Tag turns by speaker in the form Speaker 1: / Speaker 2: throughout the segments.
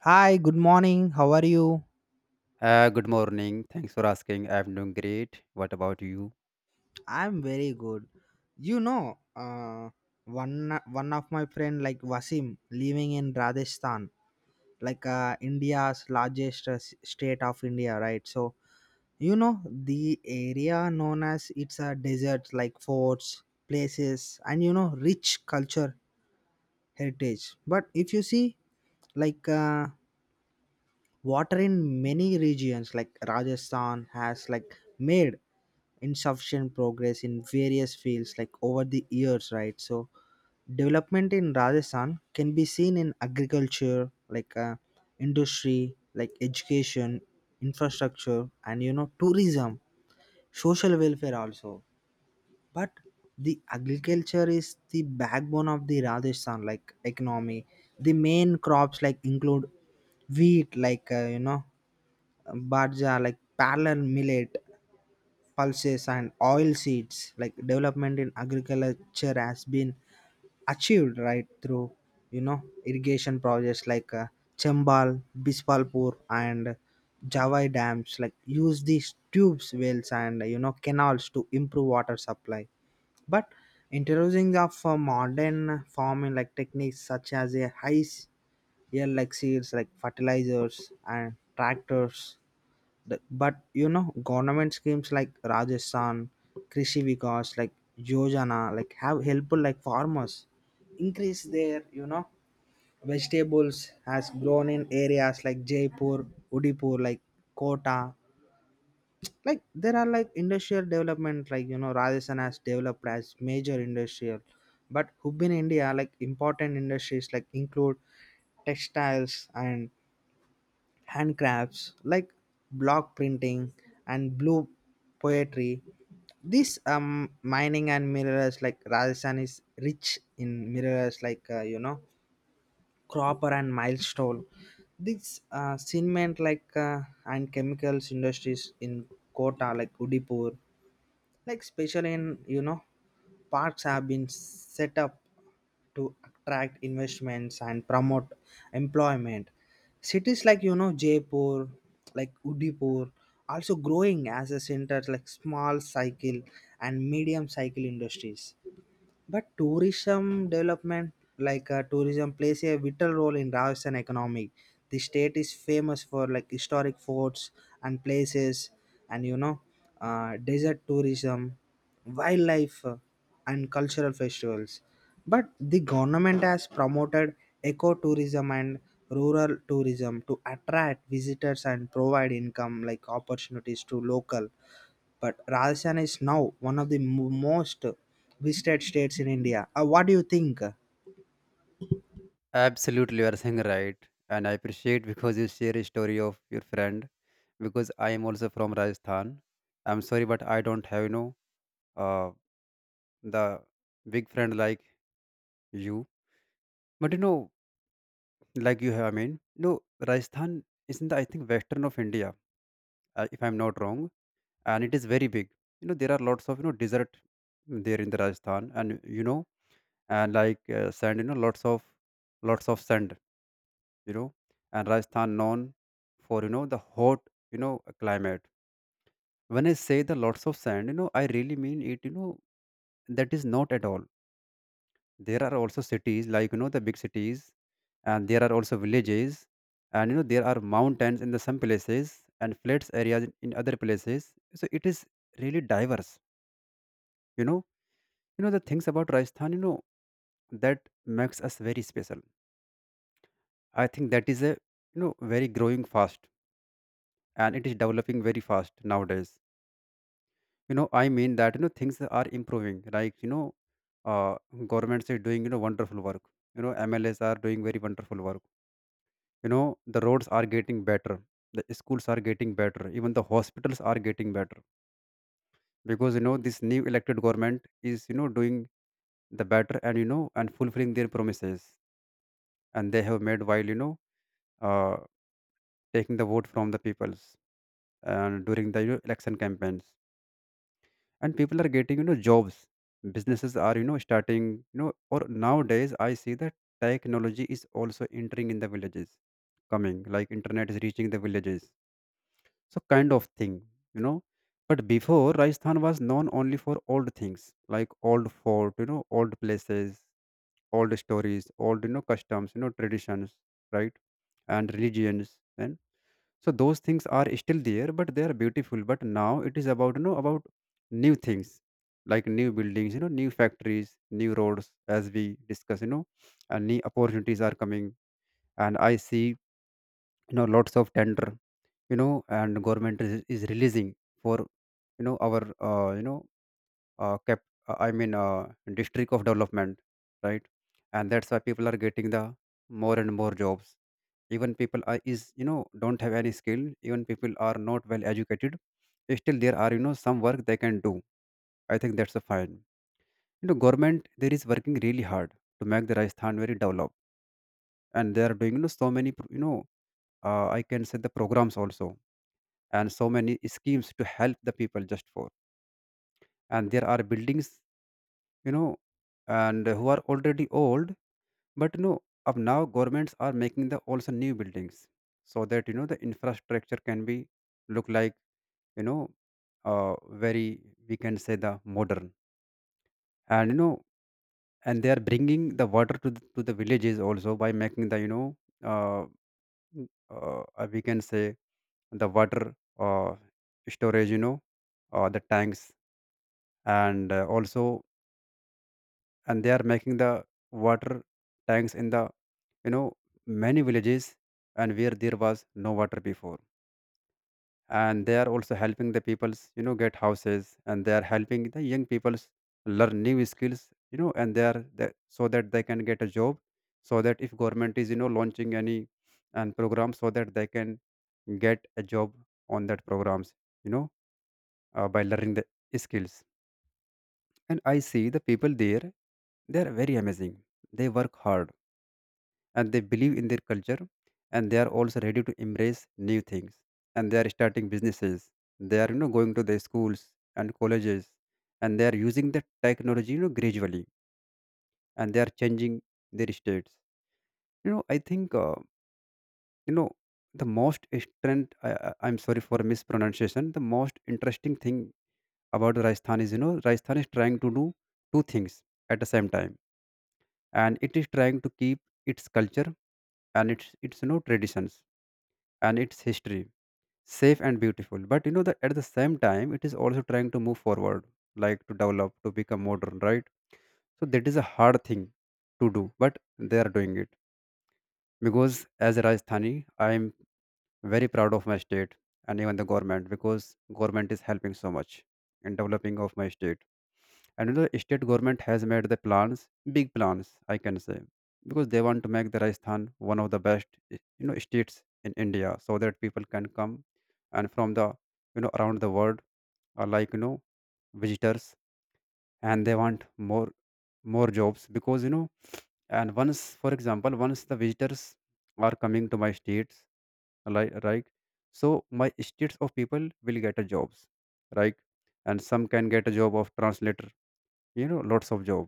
Speaker 1: Hi, good morning. How are you?
Speaker 2: Good morning. Thanks for asking. I'm doing great. What about you?
Speaker 1: I'm very good. You know, uh, one of my friend like Wasim living in Rajasthan, India's largest state of India, right? So you know the area known as it's a desert, like forts, places, and rich culture heritage. But if you see like uh, water in many regions, like Rajasthan has like made insufficient progress in various fields like over the years, right? So development in Rajasthan can be seen in agriculture, industry, like education, infrastructure, and tourism, social welfare also. But the agriculture is the backbone of the Rajasthan like economy. The main crops like include wheat, barja like parallel millet, pulses, and oil seeds. Like development in agriculture has been achieved right through irrigation projects chembal, bispalpur, and javai dams, like use these tubes wells and canals to improve water supply. But introducing of modern farming like techniques such as a yield like seeds, like fertilizers and tractors. But government schemes like Rajasthan krishi vikas like yojana like have helpful like farmers increase their vegetables has grown in areas like Jaipur, Udaipur, like Kota. Like there are like industrial development, Rajasthan has developed as major industrial but within India, like important industries like include textiles and handcrafts like block printing and blue poetry. This mining and mirrors, like Rajasthan is rich in mirrors, cropper and milestone. This cement and chemicals industries in Kota, like Udaipur, like special in parks have been set up to attract investments and promote employment. Cities like Jaipur, like Udaipur, also growing as a center like small cycle and medium cycle industries. But tourism development, tourism, plays a vital role in Rajasthan economy. The state is famous for like historic forts and places, and desert tourism, wildlife, and cultural festivals. But the government has promoted ecotourism and rural tourism to attract visitors and provide income like opportunities to local, but Rajasthan is now one of the most visited states in India. What do you think?
Speaker 2: Absolutely, you are saying right. And I appreciate because you share a story of your friend because I am also from Rajasthan. I'm sorry, but I don't have, uh, the big friend like you. But, like you have, I mean, no, Rajasthan is in the, I think, western of India, if I'm not wrong. And it is very big. You know, there are lots of, desert there in the Rajasthan. And like sand, lots of sand, you know and Rajasthan known for, the hot, you know climate. When I say the lots of sand, I really mean it. That is not at all. There are also cities, like, the big cities, and there are also villages. And there are mountains in the some places and flats areas in other places. So it is really diverse. You know you know the things about Rajasthan, that makes us very special. I think that is a, very growing fast, and it is developing very fast nowadays. I mean that, things are improving. Like, uh, governments are doing, wonderful work. MLAs are doing very wonderful work. The roads are getting better. The schools are getting better. Even the hospitals are getting better because, this new elected government is, doing the better, and you know and fulfilling their promises, and they have made while, uh, taking the vote from the people, and during the, election campaigns, and people are getting, jobs. Businesses are, starting, or nowadays I see that technology is also entering in the villages, coming, like internet is reaching the villages. So kind of thing you know but before Rajasthan was known only for old things like old fort, old places, old stories, old, customs, traditions, right, and religions. So those things are still there, but they are beautiful. But now it is about you know about new things, like new buildings, new factories, new roads, as we discuss, and new opportunities are coming. And I see, lots of tender, and government is releasing for, our, you know cap I mean, district of development, right. And that's why people are getting the more and more jobs. Even people are is don't have any skill, even people are not well educated. Still there are, some work they can do. I think that's a fine. Government there is working really hard to make the Rajasthan very developed. And they are doing, so many I can say the programs also, and so many schemes to help the people, just for. And there are buildings, you know and who are already old. But no, of now governments are making the also new buildings, so that the infrastructure can be look like, you know uh, very, we can say, the modern. And you know and they are bringing the water to the villages also by making the, uh, we can say, the water, storage, the tanks. And, also, and they are making the water tanks in the, you know many villages, and where there was no water before. And they are also helping the peoples, get houses. And they are helping the young peoples learn new skills, and they are the so that they can get a job. So that if government is, launching any and program, so that they can get a job on that programs, you know by learning the skills. And I see the people there, they are very amazing. They work hard, and they believe in their culture, and they are also ready to embrace new things. And they are starting businesses, they are, going to the schools and colleges. And they are using the technology, gradually, and they are changing their states. I think, you know the most strength, I'm sorry for mispronunciation. The most interesting thing about Rajasthan is, Rajasthan is trying to do two things at the same time. And it is trying to keep its culture, and its, traditions, and its history safe and beautiful. But, that at the same time it is also trying to move forward, like to develop, to become modern, right. So that is a hard thing to do, but they are doing it. Because as a Rajasthani, I am very proud of my state, and even the government, because government is helping so much in developing of my state. And, state government has made the plans, big plans, I can say. Because they want to make the Rajasthan one of the best, states in India, so that people can come and from the, around the world, are like, visitors. And they want more more jobs, because, and once, for example, once the visitors are coming to my states, like, right. So my states of people will get a jobs, right. And some can get a job of translator, lots of job.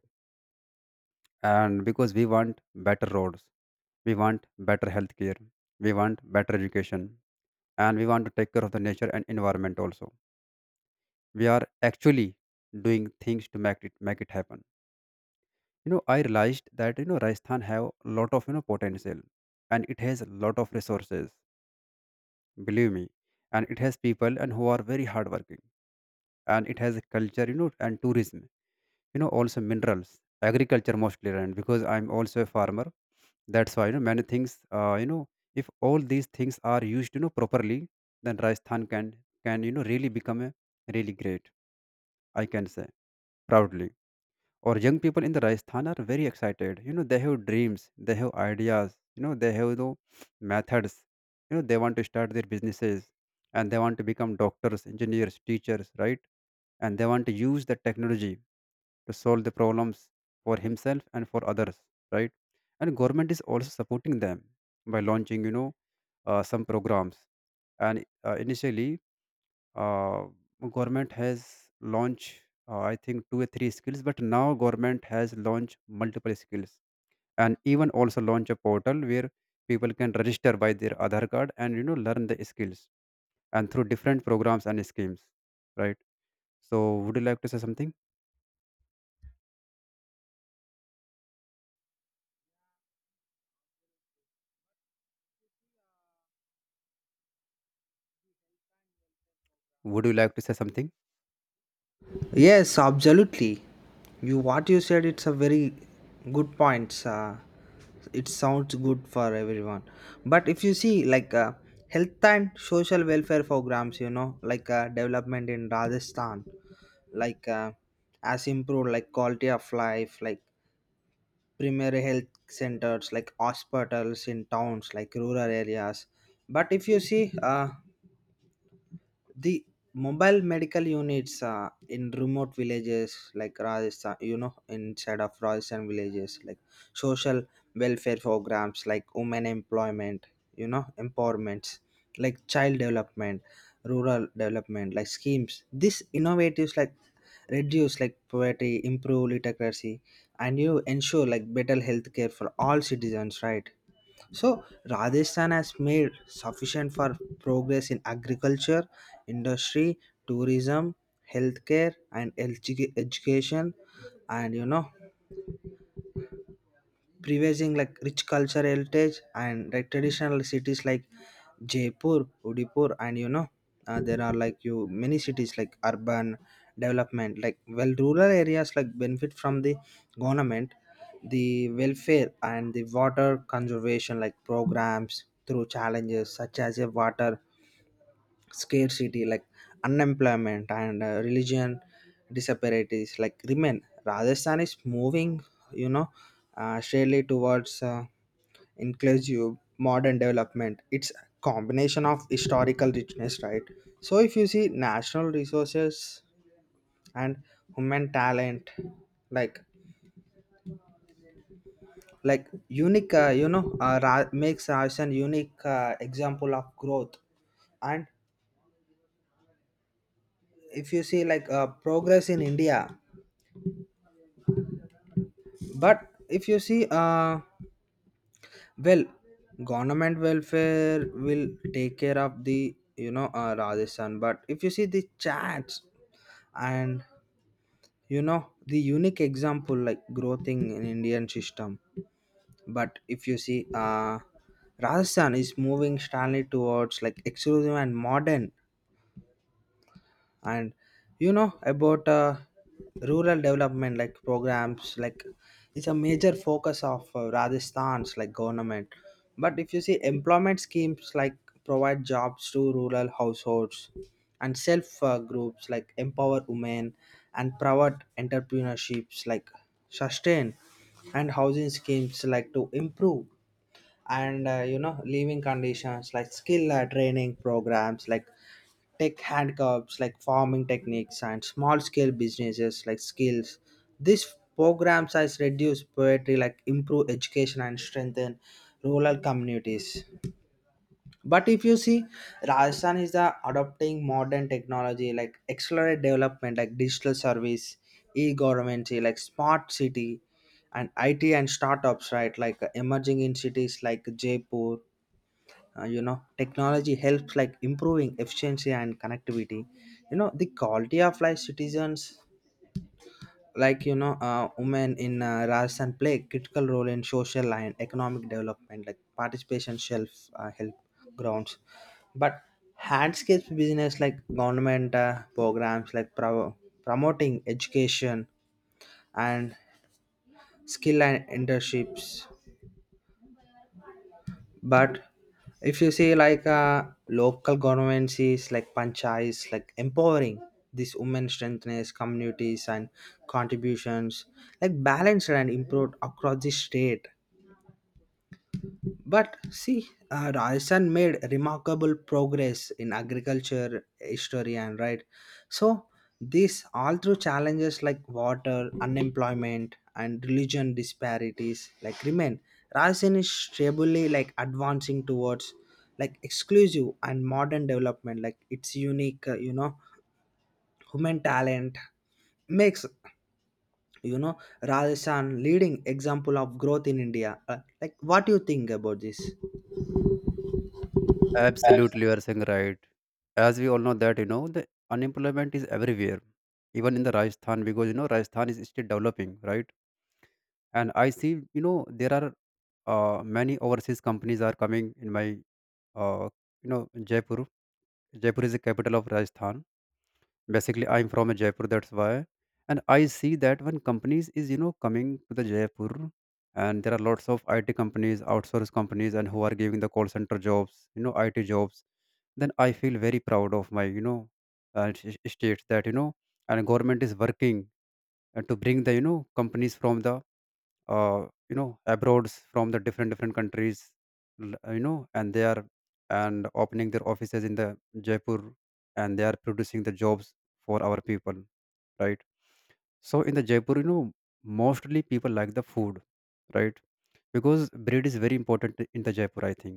Speaker 2: And because we want better roads, we want better healthcare, we want better education, and we want to take care of the nature and environment also, we are actually doing things to make it happen. I realized that, Rajasthan have a lot of, potential, and it has a lot of resources, believe me. And it has people and who are very hardworking, and it has a culture, and tourism, also minerals, agriculture mostly. And because I'm also a farmer, that's why, many things, if all these things are used, properly, then Rajasthan can, really become a really great, I can say proudly. Or young people in the Rajasthan are very excited, they have dreams, they have ideas, they have the methods. They want to start their businesses, and they want to become doctors, engineers, teachers, right. And they want to use the technology to solve the problems for himself and for others, right. And government is also supporting them by launching, some programs. And, initially, uh, government has launched, I think two or three skills, but now government has launched multiple skills. And even also launch a portal where people can register by their Aadhaar card and, learn the skills, and through different programs and schemes, right? So would you like to say something? Would you like to say something?
Speaker 1: Yes, absolutely. You what you said, it's a very good points. It sounds good for everyone. But if you see health and social welfare programs, you know, development in Rajasthan, like uh, has improved like quality of life, like primary health centers like hospitals in towns like rural areas. But if you see the mobile medical units in remote villages like Rajasthan, you know, inside of Rajasthan villages, like social welfare programs like women employment, empowerments, like child development, rural development like schemes. These innovatives like reduce like poverty, improve literacy, and you ensure like better healthcare for all citizens, right? So Rajasthan has made sufficient for progress in agriculture, industry, tourism, healthcare, and LG education, and preserving like rich cultural heritage and like traditional cities like Jaipur, Udaipur, and there are like you many cities like urban development like well rural areas like benefit from the government, the welfare, and the water conservation like programs through challenges such as a water scarcity like unemployment and religion disparities like remain. Rajasthan is moving, you know surely towards inclusive modern development. It's a combination of historical richness, right? So if you see national resources and human talent, like like unique makes Rajasthan unique example of growth. And if you see progress in India, but if you see well, government welfare will take care of the Rajasthan. But if you see the chats and the unique example like growth in Indian system, but if you see Rajasthan is moving strongly towards like exclusive and modern, and about rural development like programs like it's a major focus of Rajasthan's like government. But if you see employment schemes like provide jobs to rural households and self groups like empower women and private entrepreneurships like sustain and housing schemes like to improve and living conditions like skill training programs like tech handcuffs like farming techniques and small scale businesses like skills. This programs has reduced poverty, like improve education and strengthen rural communities. But if you see Rajasthan is the adopting modern technology like accelerate development like digital service, e-government like smart city and it and startups, right, like emerging in cities like Jaipur. Technology helps like improving efficiency and connectivity, the quality of life citizens. Like women in Rajasthan play a critical role in social and economic development like participation, self help grounds. But handscapes business like government programs like promoting education and skill and internships. But if you see local governments is like panchayats like empowering these women strengthness communities and contributions like balanced and improved across the state. But see, Rajasthan made remarkable progress in agriculture, history, and right. So this all through challenges like water, unemployment, and religion disparities like remain. Rajasthan is stably like advancing towards like exclusive and modern development. Like its unique, human talent makes Rajasthan leading example of growth in India. Like what do you think about this?
Speaker 2: Absolutely, you are saying right. As we all know that, the unemployment is everywhere, even in the Rajasthan, because, Rajasthan is still developing, right? And I see, there are, many overseas companies are coming in my, uh, Jaipur. Jaipur is the capital of Rajasthan. Basically, I'm from a Jaipur, that's why. And I see that when companies is, coming to the Jaipur, and there are lots of IT companies, outsource companies, and who are giving the call center jobs, IT jobs, then I feel very proud of my, state that, and government is working, to bring the, companies from the, abroads from the different countries, and they are and opening their offices in the Jaipur. And they are producing the jobs for our people, right. So in the Jaipur, mostly people like the food, right. Because bread is very important in the Jaipur, I think,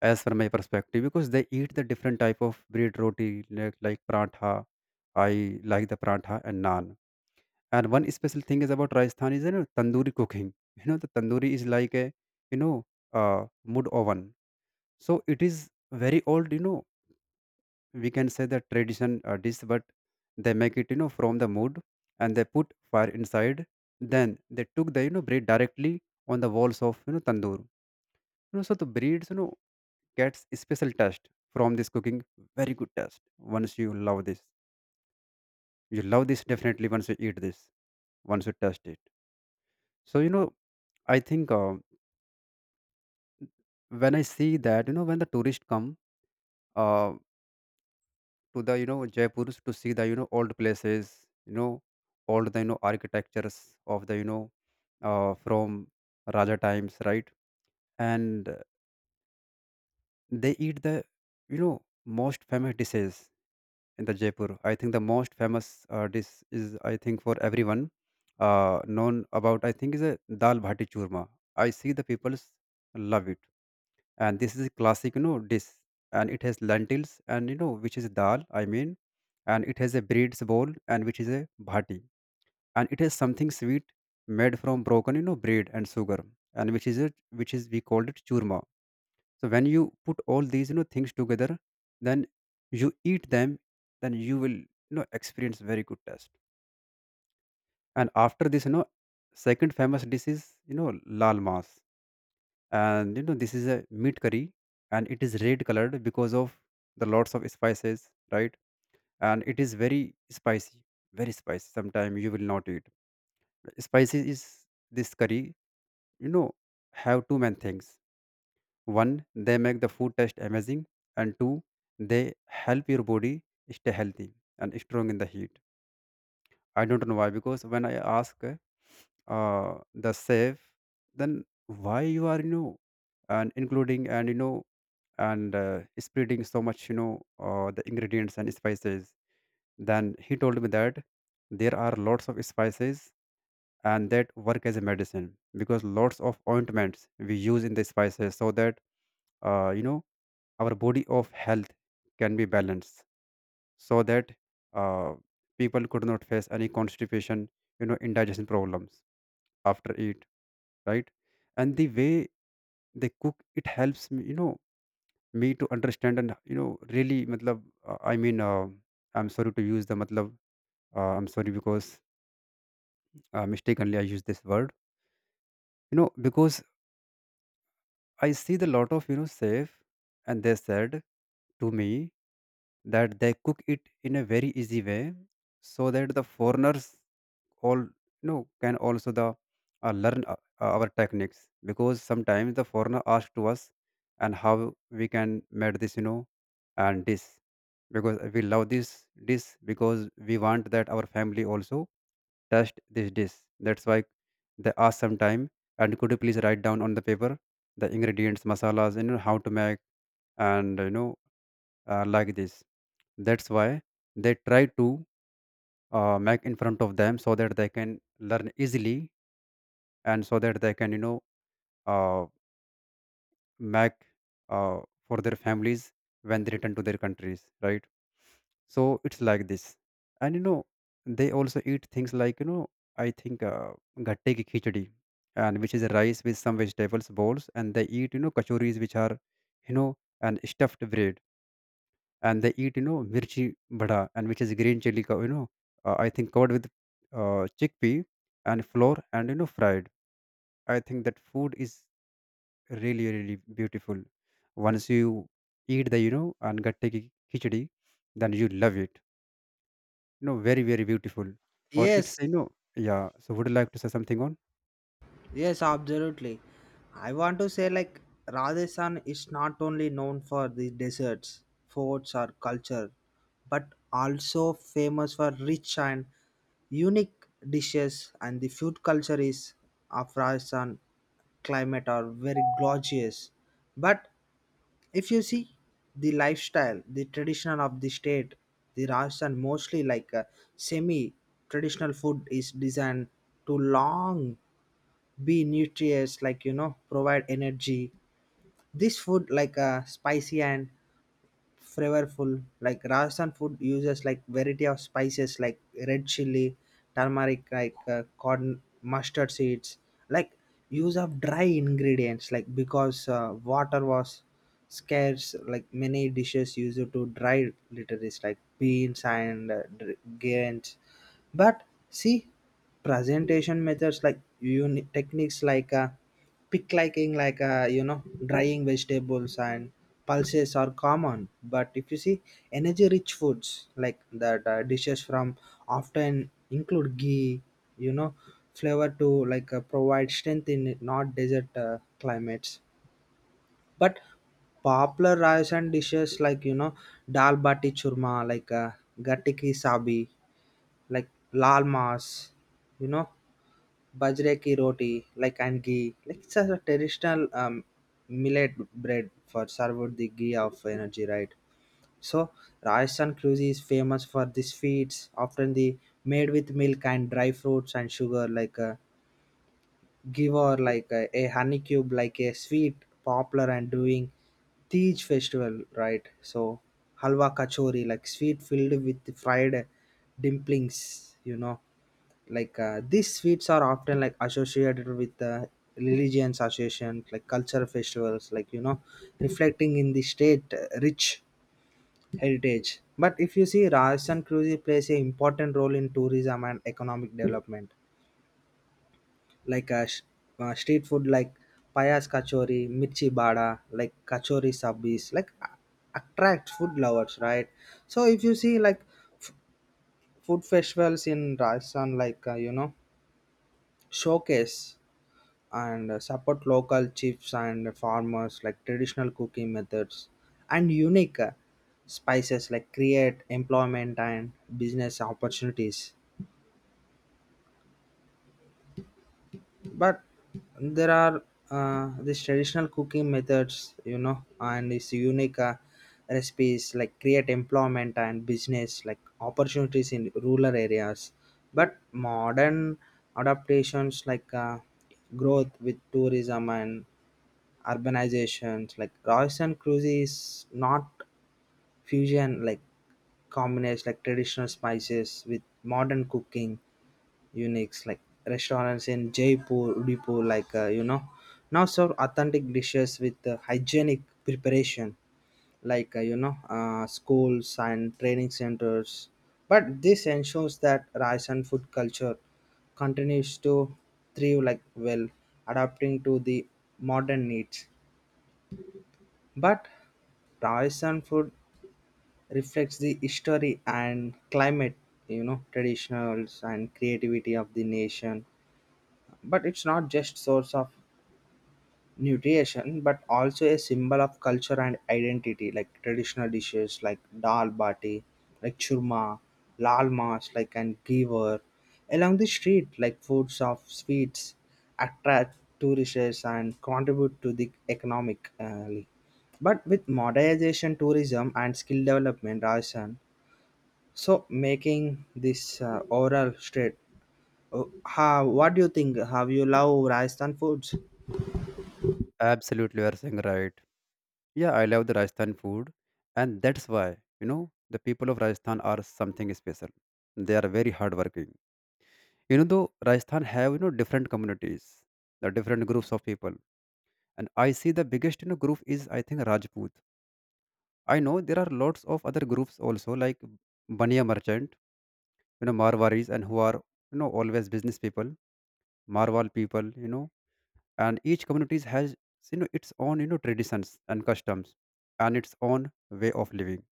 Speaker 2: as from my perspective, because they eat the different type of bread roti, like prantha. I like the prantha and naan. And one special thing is about Rajasthan is, tandoori cooking. The tandoori is like a, you know wood oven. So it is very old. We can say the tradition, dish, but they make it, from the wood, and they put fire inside. Then they took the, bread directly on the walls of, tandoor. So the breeds, gets special taste from this cooking. Very good taste. Once you love this definitely. Once you eat this, once you taste it. So you know, I think. When I see that, when the tourists come uh, to Jaipur to see the, old places, you know, old, the, you know, architectures of the from Raja times, right? And they eat the most famous dishes in the Jaipur. I think the most famous dish is, I think, for everyone known about, I think, is a dal bhati churma. I see the people's love it, and this is a classic dish, and it has lentils, and which is dal, I mean, and it has a bread's bowl, and which is a bhati, and it has something sweet made from broken bread and sugar, and which is we called it churma. So when you put all these things together, then you eat them, then you will experience very good taste. And after this, second famous dish is, you know lal mas, and you know this is a meat curry, and it is red colored because of the lots of spices, right? And it is very spicy, very spicy. Sometime you will not eat spicy is this curry. You know, have two main things. One, they make the food taste amazing, and two, they help your body stay healthy and strong in the heat. I don't know why, because when I ask the chef, then why you are, you know, and including, and you know, and spreading so much, you know, the ingredients and spices, then he told me that there are lots of spices, and that work as a medicine because lots of ointments we use in the spices, so that you know our body of health can be balanced, so that uh, people could not face any constipation, you know, indigestion problems after eat, right? And the way they cook it helps me, you know, me to understand and, you know, really matlab I mean, I'm sorry to use the matlab. I'm sorry because mistakenly I used this word. You know, because I see the lot of, you know, safe, and they said to me that they cook it in a very easy way, so that the foreigners all, you know, can also the learn our techniques, because sometimes the foreigner ask to us, and how we can make this, you know, and this, because we love this dish, because we want that our family also test this dish. That's why they ask sometime, and could you please write down on the paper the ingredients masalas, you know, how to make, and you know, like this. That's why they try to mic in front of them, so that they can learn easily, and so that they can, you know, uh, make uh, for their families when they return to their countries, right? So it's like this. And you know, they also eat things like, you know, I think gatte ki khichdi, and which is rice with some vegetables balls, and they eat, you know, kachoris, which are, you know, and stuffed bread. And they eat, you know, mirchi bada, and which is green chili cow, you know, I think covered with chickpea and flour, and you know, fried. I think that food is really really beautiful. Once you eat the, you know, and gatte ki khichdi, then you love it, you know. Very very beautiful. Or it's,
Speaker 1: Yes.
Speaker 2: you know, yeah, so would you like to say something on.
Speaker 1: Yes, absolutely. I want to say like Rajasthan is not only known for the deserts, forts or culture, but also famous for rich and unique dishes, and the food culture is of Rajasthan climate are very gorgeous. But if you see the lifestyle, the traditional of the state, the Rajasthan mostly like a semi-traditional food is designed to long be nutritious, like you know, provide energy. This food like a spicy and flavorful. Like Rajasthan food uses like variety of spices like red chili, turmeric, corn, mustard seeds. Like use of dry ingredients. Like because water was scarce, like many dishes used to dry literals like beans and grains. But see, presentation methods like techniques like. Pick liking drying vegetables and pulses are common. But if you see energy rich foods like that dishes from often include ghee, you know flavor to provide strength in not desert climates. But popular Russian dishes like dal bati churma, gatte ki sabi, like lal mas, you know bajre ki roti like and ghee, like it's a traditional millet bread for served with the ghee of energy, right? So Rajasthan cuisine is famous for these feeds often the made with milk and dry fruits and sugar, like a give or like a honey cube like a sweet popular and doing Tej festival, right? So halwa kachori, like sweet filled with fried dimplings, you know, these sweets are often like associated with religions association like cultural festivals like reflecting in the state rich heritage. But if you see Rajasthan cuisine plays an important role in tourism and economic development like uh, sh- street food like payas kachori, mirchi bada, like kachori sabis like attract food lovers, right? So if you see like f- food festivals in Rajasthan showcase and support local chiefs and farmers, like traditional cooking methods and unique spices like create employment and business opportunities. But there are these traditional cooking methods, you know, and these unique recipes like create employment and business like opportunities in rural areas. But modern adaptations growth with tourism and urbanizations like Royson Cruise is not fusion like combines like traditional spices with modern cooking uniques like restaurants in Jaipur, Udaipur, now serve authentic dishes with hygienic preparation schools and training centers. But this ensures that Rajasthan food culture continues to thrive like well adapting to the modern needs. But Taoisean food reflects the history and climate, you know, traditionals and creativity of the nation. But it's not just source of nutrition but also a symbol of culture and identity like traditional dishes like dal bati like churma, lal mas like and giver along the street like foods of sweets attract tourists and contribute to the economic but with modernization, tourism, and skill development Rajan, so making this oral street. Uh, how, what do you think, have you love Rajasthan foods?
Speaker 2: Absolutely, you are saying right. Yeah, I love the Rajasthan food, and that's why you know the people of Rajasthan are something special. They are very hardworking. You know, though Rajasthan have you know different communities, the different groups of people, and I see the biggest you know group is, I think, Rajput. I know there are lots of other groups also, like Baniya merchant, you know, Marwaris, and who are you know always business people, Marwal people, you know, and each community has you know its own you know traditions and customs and its own way of living.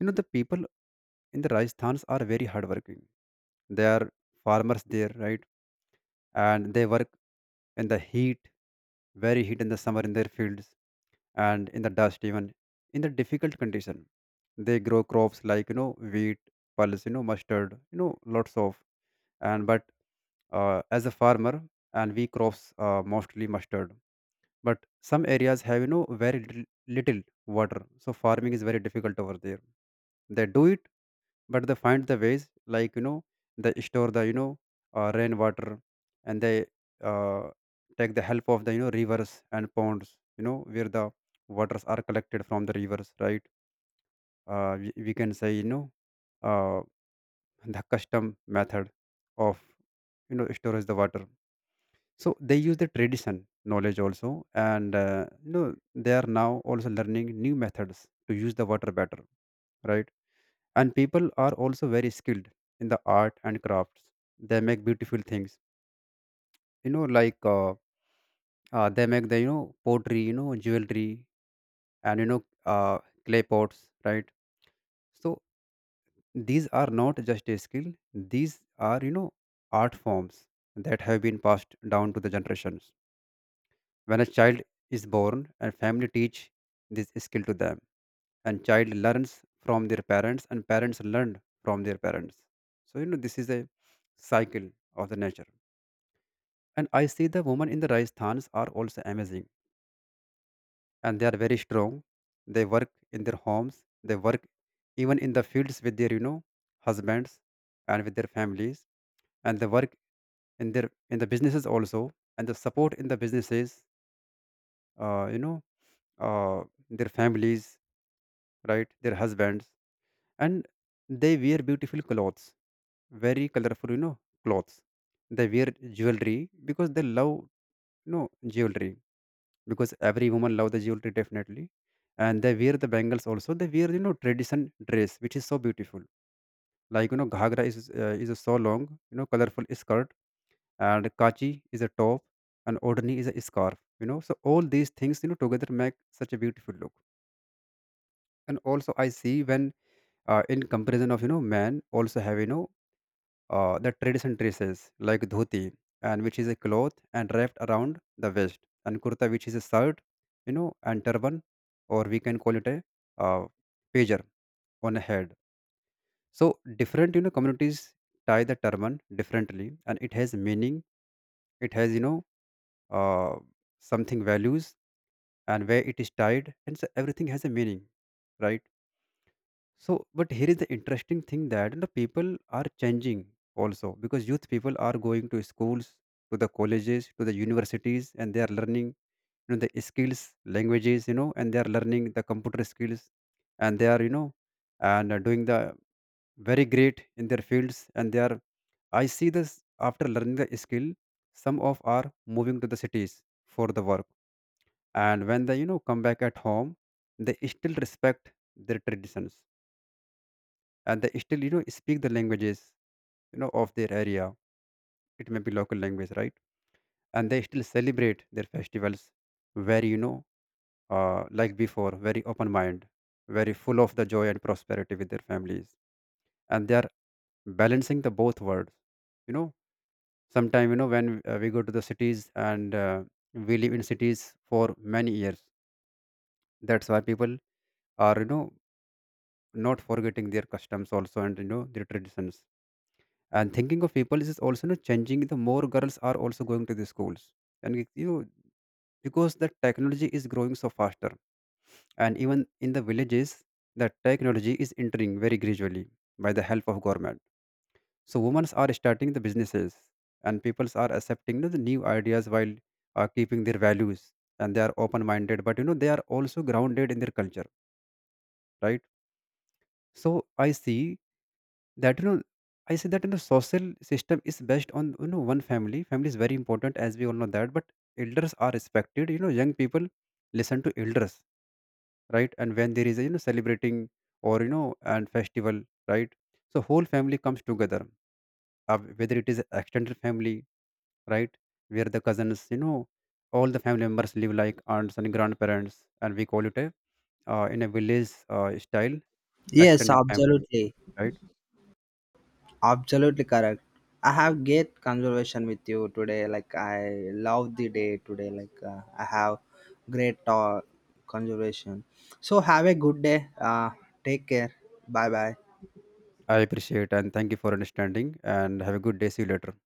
Speaker 2: You know, the people in the Rajasthans are very hardworking. They are farmers there, right? And they work in the heat, very heat, in the summer in their fields, and in the dust, even in the difficult condition, they grow crops like, you know, wheat, pulse, you know, mustard, you know, lots of, and but as a farmer, and we crops mostly mustard. But some areas have, you know, very little, little water, so farming is very difficult over there. They do it, but they find the ways, like, you know, they store the, you know, rainwater, and they uh, take the help of the, you know, rivers and ponds, you know, where the waters are collected from the rivers, right? We can say, you know, uh, the custom method of, you know, storage the water, so they use the tradition knowledge also. And you know, they are now also learning new methods to use the water better, right? And people are also very skilled in the art and crafts. They make beautiful things, you know, like they make the, you know, pottery, you know, jewelry, and you know, clay pots, right? So these are not just a skill, these are, you know, art forms that have been passed down to the generations. When a child is born, a family teach this skill to them, and child learns from their parents, and parents learn from their parents. So you know, this is a cycle of the nature. And I see the women in the Rajasthans are also amazing, and they are very strong. They work in their homes, they work even in the fields with their, you know, husbands and with their families, and they work in their in the businesses also, and the support in the businesses, uh, you know uh, their families, right? Their husbands. And they wear beautiful clothes, very colorful, you know, clothes. They wear jewelry because they love, you know, jewelry, because every woman love the jewelry, definitely. And they wear the bangles also. They wear, you know, tradition dress, which is so beautiful, like, you know, ghagra is, is a so long, you know, colorful skirt, and kachi is a top, and odhani is a scarf, you know. So all these things, you know, together make such a beautiful look. And also I see when, in comparison of, you know, men also have, you know, the traditional dresses like dhoti, and which is a cloth and wrapped around the waist, and kurta, which is a shirt, you know, and turban, or we can call it a uh, pager on a head. So different, you know, communities tie the turban differently, and it has meaning. It has, you know, uh, something values, and where it is tied, and so everything has a meaning, right? So, but here is the interesting thing, that the people are changing also, because youth people are going to schools, to the colleges, to the universities, and they are learning you know the skills, languages, you know, and they are learning the computer skills, and they are you know, and are doing the very great in their fields, and they are. I see this after learning the skill, some of are moving to the cities for the work, and when they you know come back at home, they still respect their traditions, and they still you know speak the languages you know of their area. It may be local language, right? And they still celebrate their festivals very, you know, like before, very open mind, very full of the joy and prosperity with their families. And they are balancing the both worlds, you know. Sometime you know when we go to the cities, and we live in cities for many years, that's why people are, you know, not forgetting their customs also, and you know their traditions. And thinking of people is also not changing, the more girls are also going to the schools, and you know, because the technology is growing so faster, and even in the villages the technology is entering very gradually by the help of government. So women are starting the businesses, and people are accepting, you know, the new ideas while keeping their values, and they are open minded, but you know they are also grounded in their culture, right? So I see that you know I say that you know social system is based on you know one family. Family is very important, as we all know that, but elders are respected. You know, young people listen to elders, right? And when there is a you know celebrating, or you know, and festival, right? So whole family comes together. Whether it is extended family, right, where the cousins, you know, all the family members live, like aunts and grandparents, and we call it a in a village style
Speaker 1: Yes,
Speaker 2: extended family,
Speaker 1: absolutely.
Speaker 2: right?
Speaker 1: Absolutely correct. I have great conversation with you today. Like I love the day today. Like I have great talk conversation. So have a good day. Take care. Bye bye.
Speaker 2: I appreciate and thank you for understanding, and have a good day. See you later.